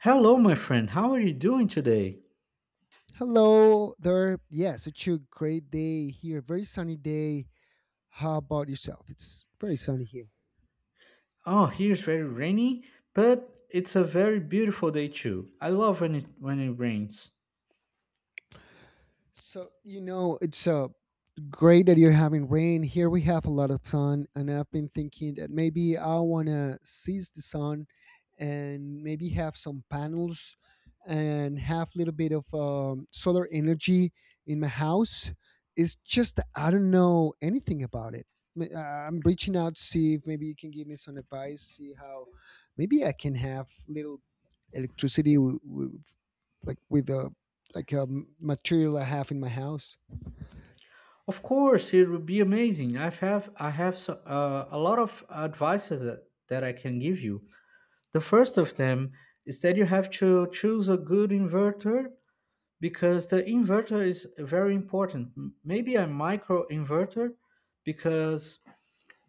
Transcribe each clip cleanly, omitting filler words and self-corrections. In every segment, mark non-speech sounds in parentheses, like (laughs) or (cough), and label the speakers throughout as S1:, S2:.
S1: Hello, my friend. How are you doing today?
S2: Hello there. Yes, it's a great day here. Very sunny day. How about yourself? It's very sunny here.
S1: Oh, here's very rainy, but it's a very beautiful day too. I love when it rains.
S2: So you know, it's great that you're having rain. Here we have a lot of sun, and I've been thinking that maybe I want to seize the sun and maybe have some panels and have a little bit of solar energy in my house. It's just that I don't know anything about it. I'm reaching out to see if maybe you can give me some advice, see how maybe I can have little electricity like with a like a material I have in my house.
S1: Of course, it would be amazing. I have a lot of advices that I can give you. The first of them is that you have to choose a good inverter because the inverter is very important. Maybe a micro inverter because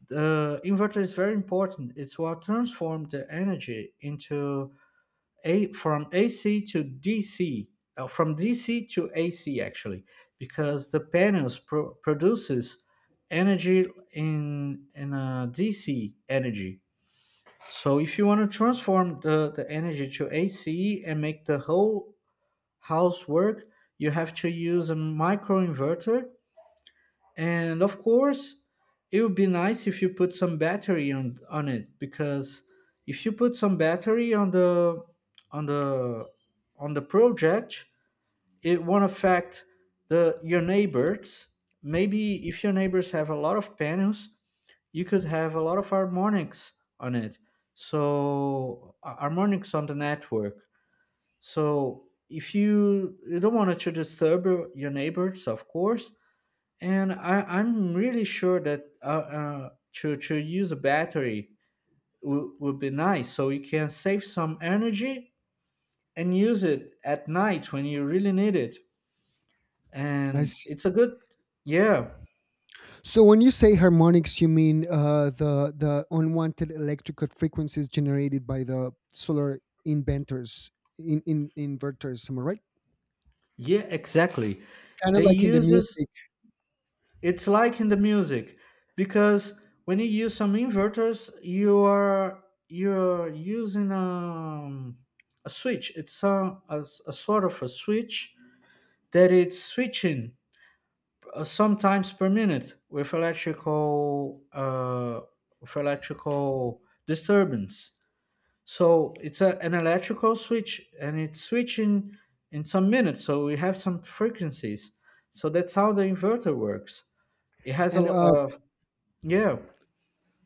S1: the inverter is very important. It's what transforms the energy into a from AC to DC, from DC to AC actually, because the panels produces energy in a DC energy. So if you want to transform the energy to AC and make the whole house work, you have to use a micro inverter, and of course, it would be nice if you put some battery on it, because if you put some battery on the on the project, it won't affect the your neighbors. Maybe if your neighbors have a lot of panels, you could have a lot of harmonics on it. So harmonics on the network. So if you don't want it to disturb your neighbors, of course, and I'm really sure that to use a battery would be nice, so you can save some energy and use it at night when you really need it.
S2: I
S1: And
S2: see.
S1: it's a good, yeah,
S2: So when you say harmonics, you mean the unwanted electrical frequencies generated by the solar inventors, in inverters, am I right?
S1: yeah, exactly.
S2: Kind of
S1: They
S2: like in the
S1: uses
S2: music.
S1: it's like in the music, because when you use some inverters, you are you're using a switch. It's a, a sort of a switch that it's switching sometimes per minute with electrical disturbance. So it's a, an electrical switch, and it's switching in some minutes. So we have some frequencies. So that's how the inverter works. It has
S2: And
S1: yeah.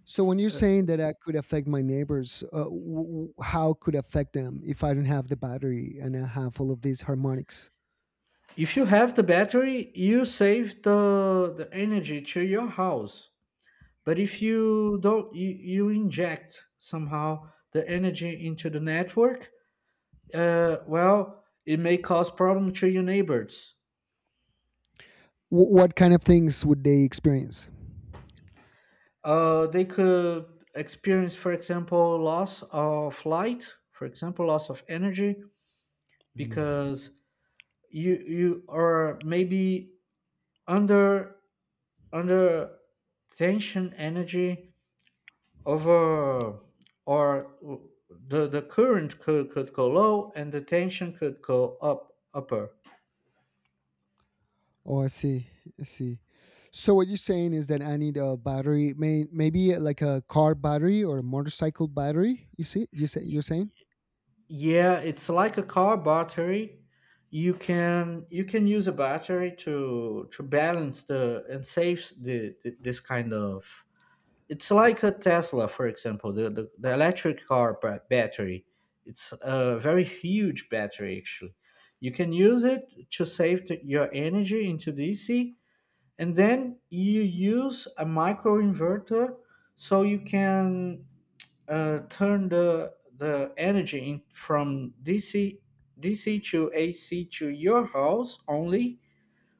S2: so when you're
S1: Uh,
S2: saying that could affect my neighbors, how could affect them if I don't have the battery and I have all of these harmonics?
S1: If you have the battery, you save the energy to your house. But if you don't, you inject somehow the energy into the network. Well, it may cause problem to your neighbors.
S2: W- what kind of things would they experience?
S1: They could experience, for example, loss of light, for example, loss of energy,
S2: Mm.
S1: because you are maybe under under tension energy over or the current could go low and the tension could go up upper.
S2: Oh, I see. I see. So what you're saying is that I need a battery, maybe like a car battery or a motorcycle battery. You see, you say you're saying.
S1: Yeah, it's like a car battery. You can use a battery to balance the and save the this kind of. It's like a Tesla, for example, the electric car battery. It's a very huge battery actually. You can use it to save your energy into DC, and then you use a micro inverter so you can turn the energy in from DC to AC to your house only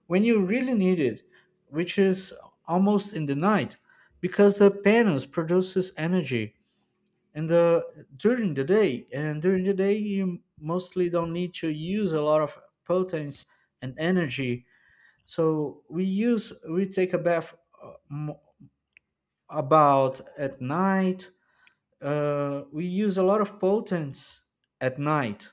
S1: when you really need it, which is almost in the night, because the panels produces energy in the during the day, and during the day you mostly don't need to use a lot of potence and energy. So we use we take a bath uh, m- about at night, we use a lot of potents at night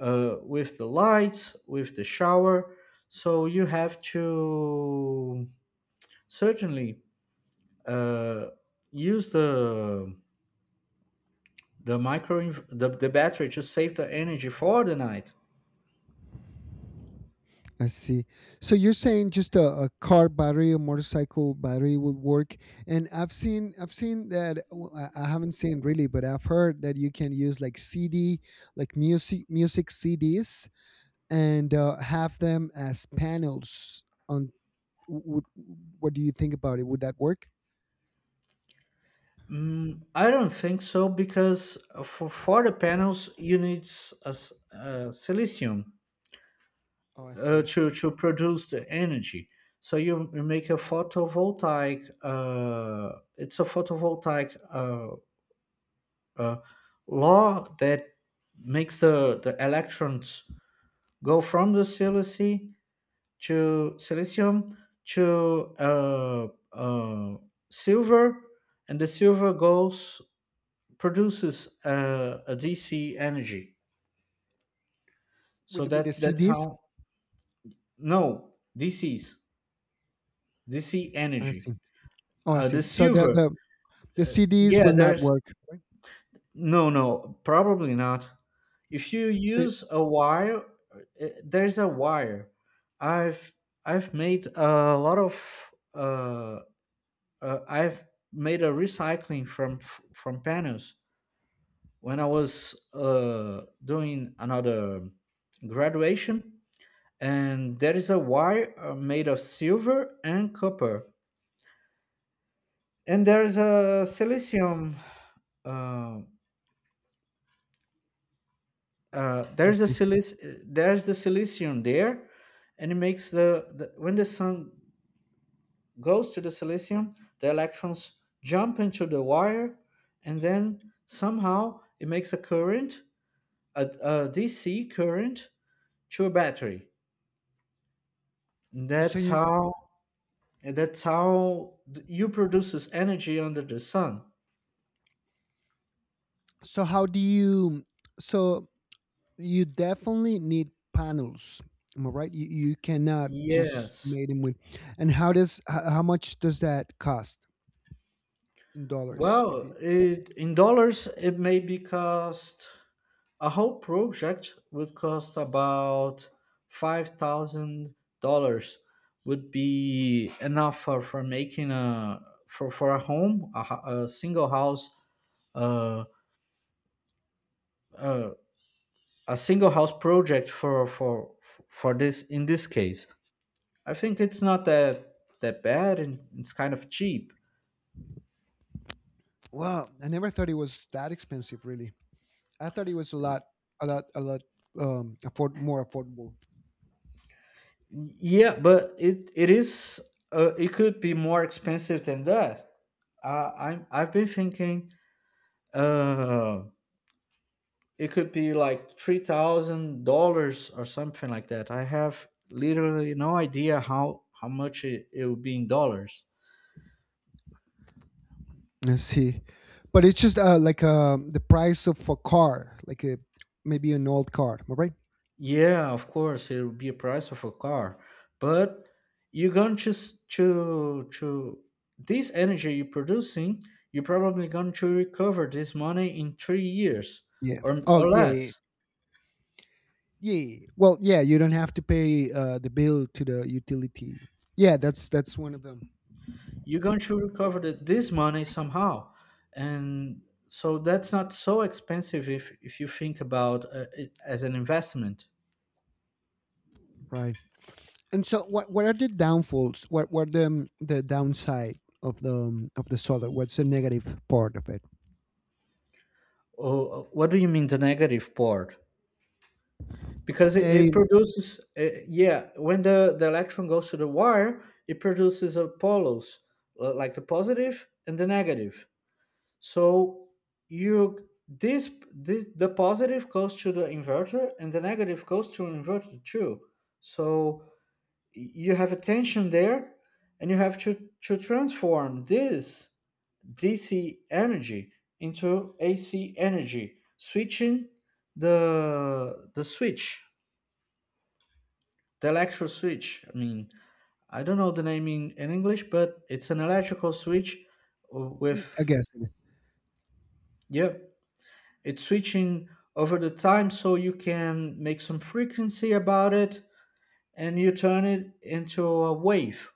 S1: with the lights, with the shower. So you have to certainly uh, use the battery to save the energy for the night.
S2: I see. So you're saying just a car battery, a motorcycle battery would work. And I've seen that. Well, I haven't seen really, but I've heard that you can use like CD, like music, music CDs, and have them as panels. On w- what do you think about it? Would that work?
S1: Mm, I don't think so, because for the panels you need a silicium
S2: Oh, I see.
S1: to produce the energy. So you make a photovoltaic. It's a photovoltaic uh, law that makes the electrons go from the silice to silicium to uh, silver, and the silver goes produces a DC energy. So
S2: With the
S1: that that's
S2: CDs,
S1: how no DCs DC
S2: I see.
S1: energy.
S2: Oh, I
S1: Uh,
S2: see.
S1: the
S2: So
S1: silver,
S2: the CDs
S1: yeah,
S2: will not
S1: there's
S2: work.
S1: no, no, probably not. If you
S2: So,
S1: use a wire, there's a wire. I've I've made a lot of I've made a recycling from panels when I was doing another graduation, and there is a wire made of silver and copper, and there's a silicium. um
S2: I see.
S1: there's the silicium there, and it makes the when the sun goes to the silicium, the electrons jump into the wire, and then somehow it makes a current, a dc current to a battery. And
S2: So
S1: that's
S2: you.
S1: how and that's how you produces energy under the sun,
S2: So how do you? So you definitely need panels. Am I right? You cannot just
S1: yes.
S2: made them with. And how does how much does that cost in dollars? If
S1: Well,
S2: you
S1: it in dollars it may be cost, a whole project would cost about $5,000, would be enough for making a for a home, a, uh, uh, a single house project for this in this case. I think it's not that bad and it's kind of cheap.
S2: Wow, I never thought it was that expensive. Really, I thought it was a lot, a lot, a lot afford more affordable.
S1: Yeah, but it is it could be more expensive than that. I've been thinking uh it could be like $3,000 or something like that. I have literally no idea how much it will be in dollars.
S2: I see. But it's just like the price of a car, like a, maybe an old car, am I right?
S1: Yeah, of course it will be a price of a car, but you're going to to this energy you're producing, you're probably going to recover this money in 3 years
S2: Yeah. Oh,
S1: or
S2: yeah, yeah, yeah.
S1: less.
S2: Yeah. Yeah. Well, yeah, you don't have to pay the bill to the utility. Yeah, that's one of them.
S1: You're going to recover this money somehow, and so that's not so expensive if you think about it as an investment,
S2: Right. And so, what are the downfalls? What the downside of the solar? What's the negative part of it?
S1: or what do you mean the negative part, because
S2: Say,
S1: it produces yeah when the electron goes to the wire it produces a poles like the positive and the negative. So you this the positive goes to the inverter and the negative goes to inverter too. So you have a tension there and you have to transform this DC energy into AC energy, switching the switch, the electrical switch. I mean, I don't know the name in English, but it's an electrical switch
S2: y- I
S1: with
S2: guess.
S1: yeah, it's switching over the time so you can make some frequency about it and you turn it into a wave.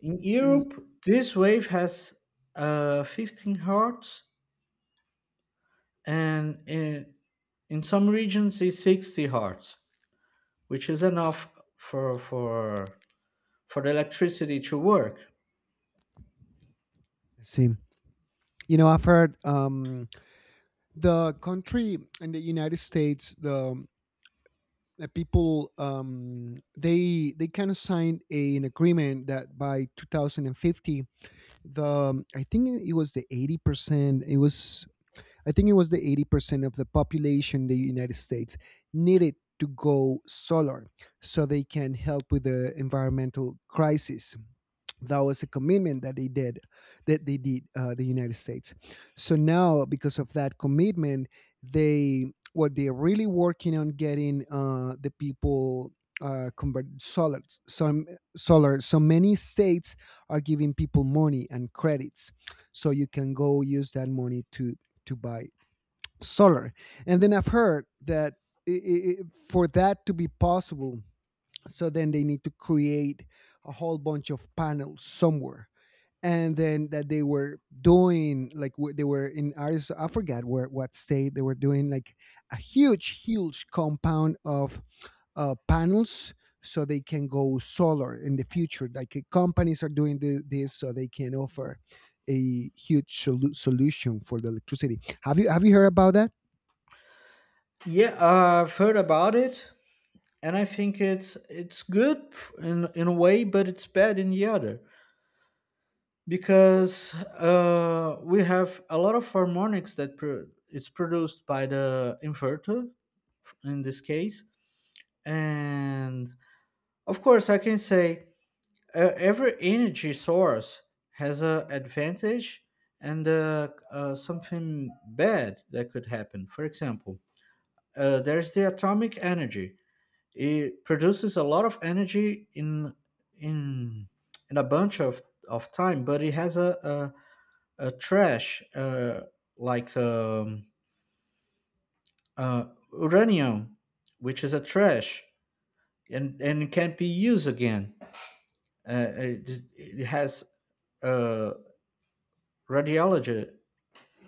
S1: In
S2: Mm,
S1: Europe, this wave has 15 hertz, and in some regions it's 60 hertz, which is enough for for for the electricity to work.
S2: let's see, you know, I've heard the country in the United States, the that people they kind of signed a, an agreement that by 2050 the I think it was the 80% it was I think it was the 80% of the population in the United States needed to go solar so they can help with the environmental crisis. That was a commitment that they did the United States. So now, because of that commitment, they what they're really working on getting the people convert solar. Some solar. So many states are giving people money and credits, so you can go use that money to buy solar. And then I've heard that i i i- for that to be possible, so then they need to create a whole bunch of panels somewhere. And then that they were doing, like wh- they were in Arizona, I forgot where, what state they were doing, like a huge, huge compound of panels so they can go solar in the future. Like companies are doing this so they can offer a huge solu- solution for the electricity. Have you heard about that?
S1: Yeah, I've heard about it, and I think it's good in a way, but it's bad in the other, because we have a lot of harmonics it's produced by the inverter in this case, and of course, I can say every energy source has a advantage and something bad that could happen. For example, there's the atomic energy. It produces a lot of energy in in a bunch of time, but it has a trash like um, uh, uranium, which is a trash and can be used again. It has a radiology.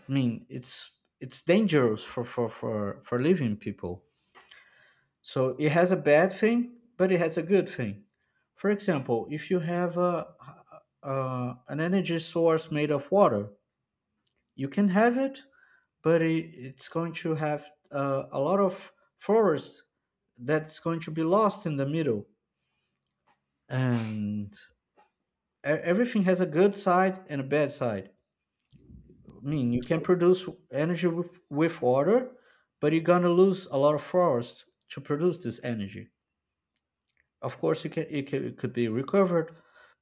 S1: I mean, it's dangerous for living people. So it has a bad thing, but it has a good thing. For example, if you have a an energy source made of water, you can have it, but it's going to have a lot of forest that's going to be lost in the middle, and everything has a good side and a bad side. I mean, you can produce energy with water, but you're gonna lose a lot of forest to produce this energy. Of course, you can, it could be recovered,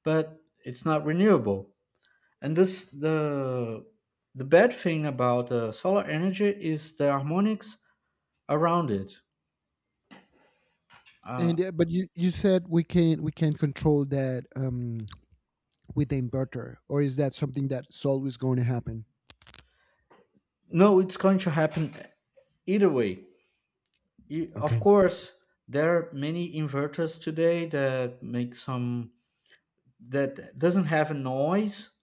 S1: but it's not renewable. And this the bad thing about solar energy is the harmonics around it. Uh,
S2: And but you said we can control that with the inverter, or is that something that's always going to happen?
S1: no, it's going to happen either way. You, of
S2: Okay,
S1: course, there are many inverters today that make some that doesn't have a noise.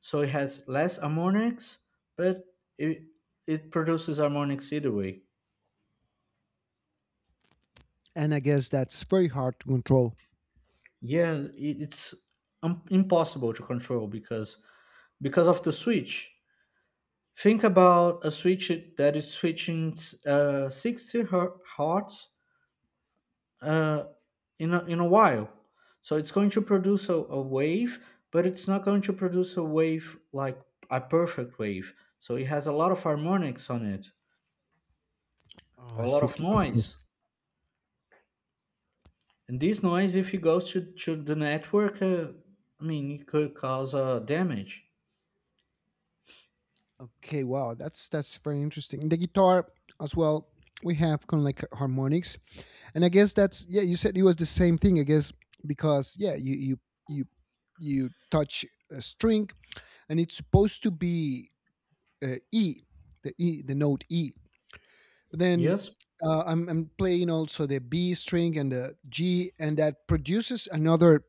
S1: So it has less harmonics, but it it produces harmonics either way.
S2: and I guess that's very hard to control.
S1: Yeah, it's impossible to control because of the switch. Think about a switch that is switching 60 hertz uh, in a while. So it's going to produce a wave, but it's not going to produce a wave like a perfect wave. So it has a lot of harmonics on it,
S2: Oh, I
S1: a lot
S2: see.
S1: of
S2: Of
S1: noise.
S2: course.
S1: And this noise, if it goes to the network, I mean, it could cause damage.
S2: Okay, wow, that's very interesting. The guitar as well. We have kind of like harmonics, and I guess that's yeah. You said it was the same thing, I guess, because yeah, you you touch a string, and it's supposed to be uh, E, E, the note E. But then
S1: Yes.
S2: I'm playing also the B string and the G, and that produces another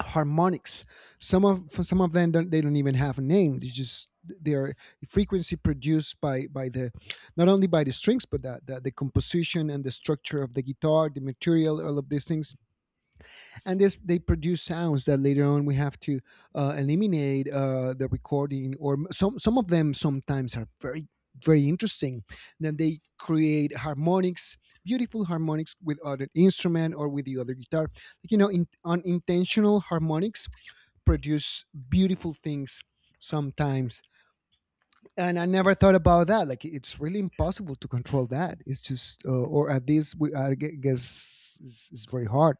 S2: harmonics. Some of them don't, they don't even have a name. They just they are frequency produced by the not only by the strings but that the composition and the structure of the guitar, the material, all of these things. And this they produce sounds that later on we have to eliminate the recording or some of them sometimes are very very interesting. Then they create harmonics, beautiful harmonics with other instrument or with the other guitar. Like, you know, in, unintentional harmonics produce beautiful things sometimes and I never thought about that like it's really impossible to control that. It's just or at least guess it's very hard.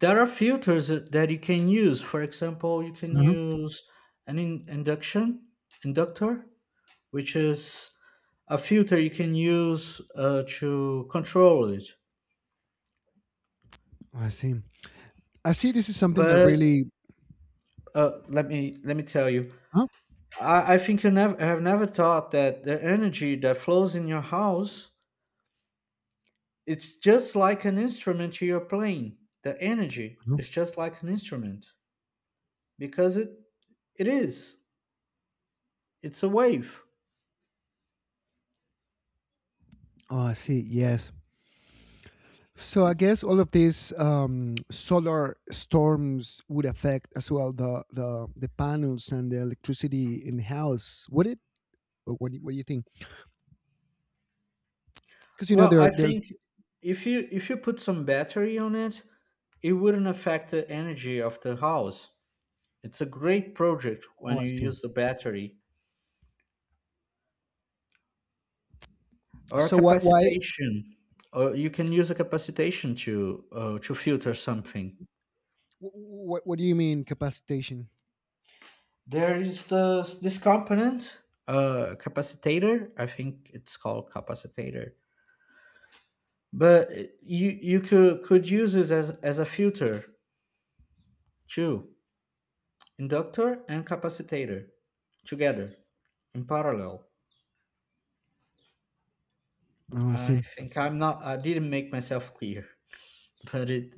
S1: There are filters that you can use. For example, you can
S2: Mhm.
S1: use an induction inductor, which is a filter you can use to control it.
S2: I see. I see, this is something that
S1: But
S2: really
S1: let me tell you,
S2: Huh?
S1: I think you never have never thought that the energy that flows in your house, it's just like an instrument you're playing. The energy
S2: Huh?
S1: is just like an instrument because it is. It's a wave.
S2: Oh, I see, yes. So I guess all of these solar storms would affect as well the panels and the electricity in the house, would it? Or what do you think because you know
S1: Well, I
S2: they're
S1: think if you put some battery on it, it wouldn't affect the energy of the house. It's a great project
S2: Oh,
S1: when
S2: I
S1: you
S2: see.
S1: use the battery or a
S2: So why
S1: capacitation. Or you can use a capacitation to filter something.
S2: What do you mean capacitation?
S1: There is the this component, capacitator. I think it's called capacitator. But you could use this as a filter too. Inductor and capacitator together in parallel.
S2: Oh, I
S1: I
S2: see.
S1: think I'm not. I didn't make myself clear, but it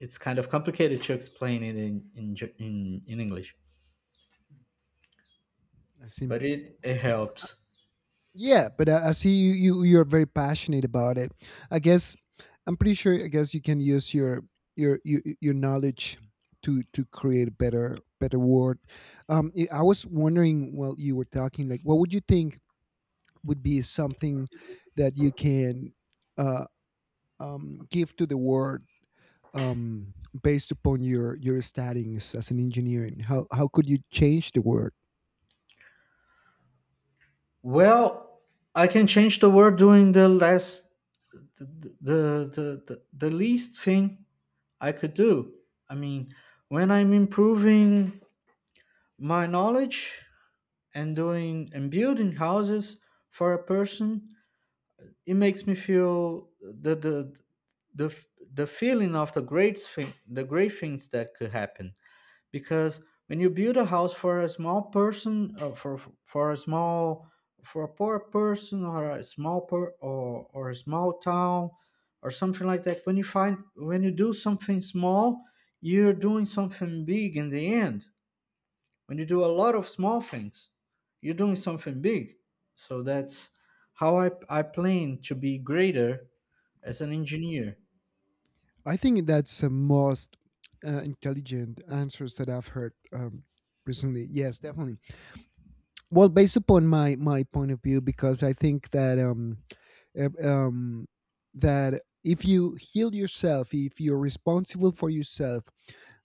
S1: it's kind of complicated to explain it in in English.
S2: I see.
S1: But it helps.
S2: Yeah, but I see you, you. You're very passionate about it. I guess I'm pretty sure. I guess you can use your your knowledge to create better better world. I was wondering while you were talking, like, what would you think would be something that you can uh, give to the world um, based upon your studies as an engineer? How could you change the word?
S1: Well, I can change the word during the last the the the least thing I could do. I mean, when I'm improving my knowledge and doing and building houses for a person, it makes me feel the the feeling of the great thing, the great things that could happen. Because when you build a house for a small person, for a poor person, or a small town or something like that. When you find when you do something small, you're doing something big in the end. When you do a lot of small things, you're doing something big. So that's how I plan to be greater as an engineer.
S2: I think that's the most intelligent answers that I've heard recently. Yes, definitely. Well, based upon my point of view, because I think that uh, um, that if you heal yourself, if you're responsible for yourself,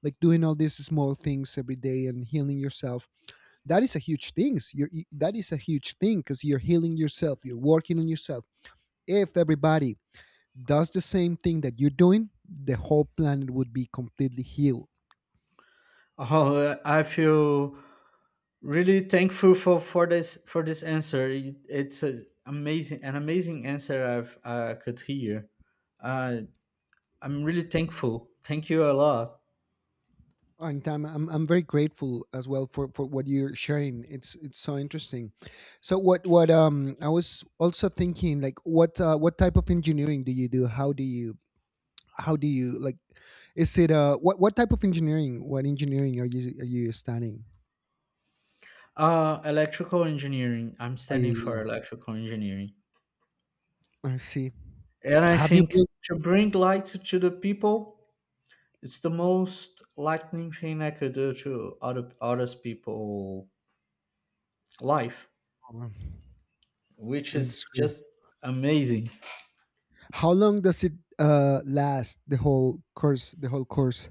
S2: like doing all these small things every day and healing yourself, that is a huge thing. You're, that is a huge thing because you're healing yourself, you're working on yourself. If everybody does the same thing that you're doing, the whole planet would be completely healed.
S1: (laughs) Oh, I feel really thankful for this answer. It's a amazing an amazing answer I could hear. uh, I'm really thankful, thank you a lot.
S2: Anytime, I'm very grateful as well for what you're sharing. It's so interesting. So what I was also thinking like what type of engineering do you do? How do you like? Is it what type of engineering? What engineering are you studying?
S1: Uh, electrical engineering. I'm standing for
S2: I
S1: electrical engineering,
S2: I see.
S1: and I
S2: Have you
S1: think
S2: built?
S1: to bring light to the people, it's the most lightning thing I could do to other others people life,
S2: Oh,
S1: which
S2: that's
S1: is
S2: great.
S1: just amazing.
S2: How long does it last? The whole course,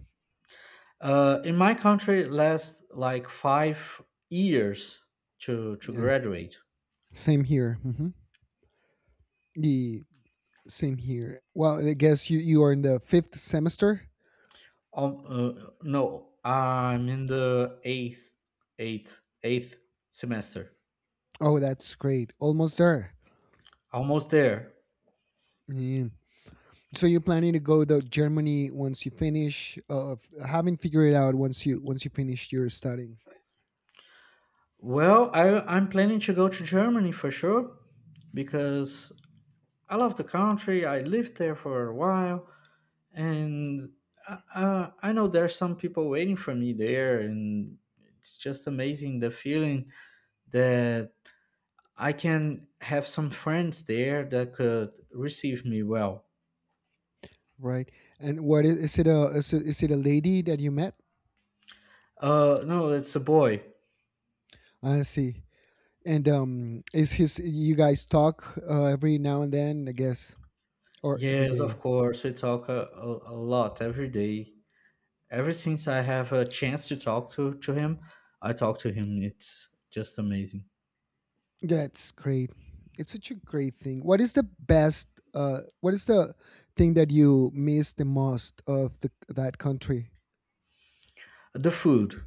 S1: In my country, it lasts like 5 years to
S2: Yeah,
S1: graduate.
S2: same here. Hmm. Same here. Well, I guess you are in the fifth semester.
S1: Um, uh, no, I'm in the eighth semester.
S2: Oh, that's great. Almost there.
S1: Almost there.
S2: Yeah. So you're planning to go to Germany once you finish, f- having figured it out once you finish your studies,
S1: Well, I'm planning to go to Germany for sure because I love the country. I lived there for a while, and I know there's some people waiting for me there, and it's just amazing the feeling that I can have some friends there that could receive me well.
S2: right? And what is it a lady that you met?
S1: No, it's a boy.
S2: I see. And is his you guys talk every now and then? I guess or every
S1: Yes, of
S2: day.
S1: course. We talk a lot every day. Ever since I have a chance to talk to him, I talk to him. It's just amazing.
S2: That's great. It's such a great thing. What is the best? What is the thing that you miss the most of the that country?
S1: The food.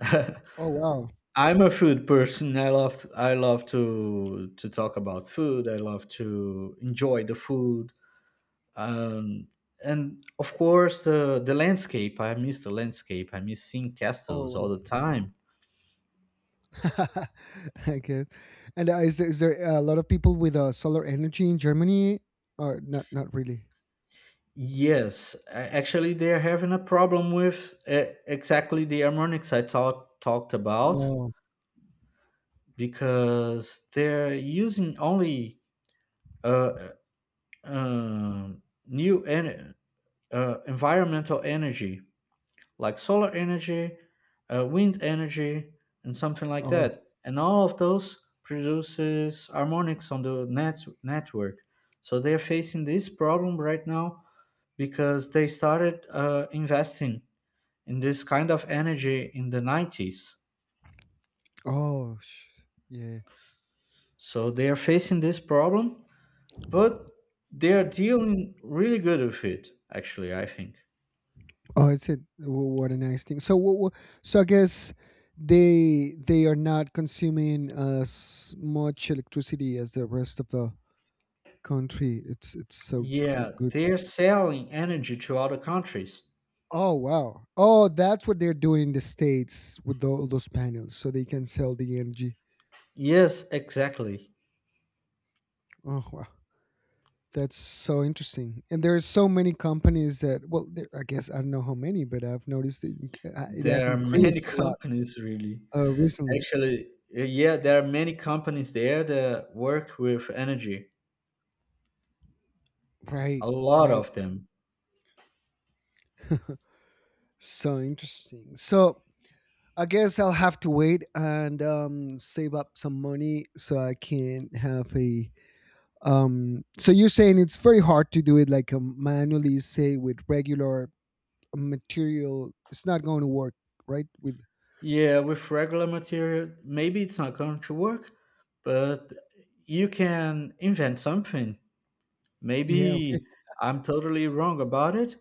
S1: (laughs)
S2: Oh wow!
S1: I'm a food person. I love to talk about food. I love to enjoy the food. um, and of course, the landscape I miss the landscape, I miss seeing
S2: Oh,
S1: castles all the
S2: wow.
S1: time.
S2: (laughs) I get. And is there a lot of people with solar energy in Germany, or not? Not really.
S1: Yes, actually, they're having a problem with, exactly, the harmonics I talked about,
S2: Oh,
S1: because they're using only uh, uh, um, new en- environmental energy like solar energy, wind energy, and something like
S2: oh,
S1: that. And all of those produces harmonics on the network. So they're facing this problem right now because they started investing in this kind of energy in the 90s.
S2: oh, sh- yeah.
S1: So they are facing this problem, but they are dealing really good with it, actually, I think.
S2: Oh, it's a w- what a nice thing. So, w- w- so I guess they are not consuming as much electricity as the rest of the country. It's so g-
S1: Yeah,
S2: good.
S1: they're selling energy to other countries.
S2: Oh wow! Oh, that's what they're doing in the states with tho- all those panels, so they can sell the energy.
S1: Yes, exactly.
S2: Oh wow, that's so interesting. And there are so many companies that well, there, I guess I don't know how many, but I've noticed it, inc- it has
S1: There are
S2: increased
S1: many (laughs)
S2: a lot
S1: companies, really.
S2: recently.
S1: Actually, yeah, there are many companies there that work with energy.
S2: Right,
S1: A lot
S2: right.
S1: of them.
S2: (laughs) So interesting. So I guess I'll have to wait and save up some money so I can have a so you're saying it's very hard to do it like manually say with regular material it's not going to work, right? With
S1: Yeah, with regular material, maybe it's not going to work, but you can invent something.
S2: yeah okay
S1: Maybe I'm totally wrong about it,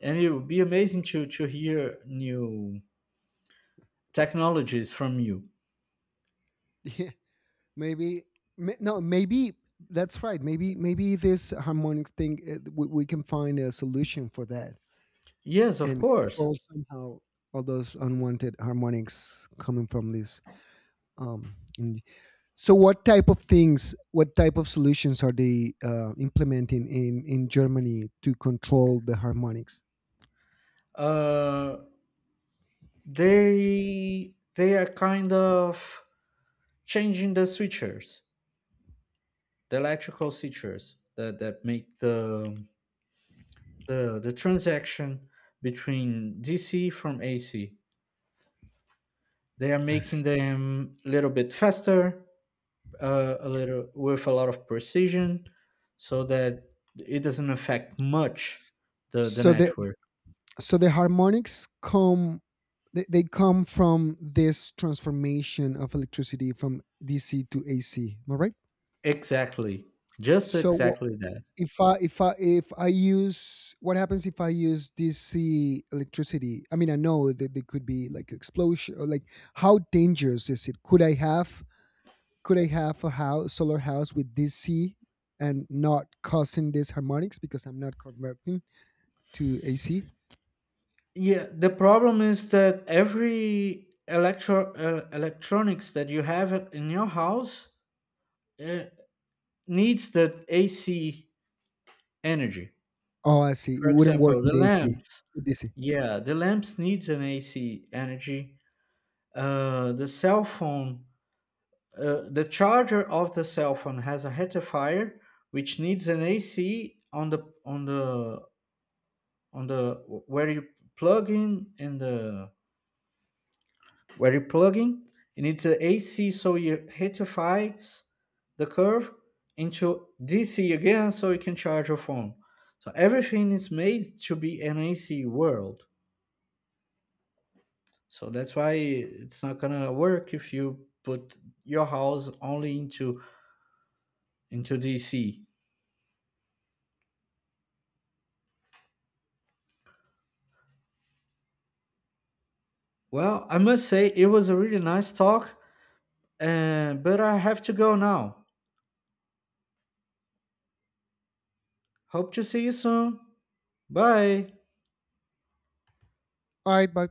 S1: and it would be amazing to hear new technologies from you.
S2: (laughs) yeah maybe no maybe that's right maybe this harmonic thing we can find a solution for that
S1: Yes, of
S2: and
S1: course.
S2: control somehow all those unwanted harmonics coming from this um in- So, what type of things, what type of solutions are they implementing in Germany to control the harmonics?
S1: Uh, they are kind of changing the switches, the electrical switches that, make the transaction between DC from AC. They are
S2: I see.
S1: making them a little bit faster, a little with a lot of precision, so that it doesn't affect much the
S2: So
S1: network.
S2: the harmonics come they come from this transformation of electricity from DC to AC. Am I right?
S1: Exactly, just
S2: So, wha
S1: exactly that.
S2: if I use what happens if I use DC electricity? I mean, I know that there could be like explosion or like how dangerous is it? Could I have a house solar house with DC and not causing these harmonics because I'm not converting to AC?
S1: Yeah, the problem is that every electronics that you have in your house, uh, needs that AC energy.
S2: Oh, I see. It
S1: For
S2: wouldn't work
S1: example, the
S2: with AC.
S1: lamps.
S2: With DC.
S1: Yeah, the lamps needs an AC energy. The cell phone, the charger of the cell phone has a rectifier, which needs an AC on the on the where you plug in the where you plug in, you need the AC, so you rectifies the curve into DC again, so you can charge your phone. So everything is made to be an AC world. So that's why it's not gonna work if you put your house only into DC. Well, I must say it was a really nice talk, and but I have to go now. Hope to see you soon. Bye.
S2: All right, bye.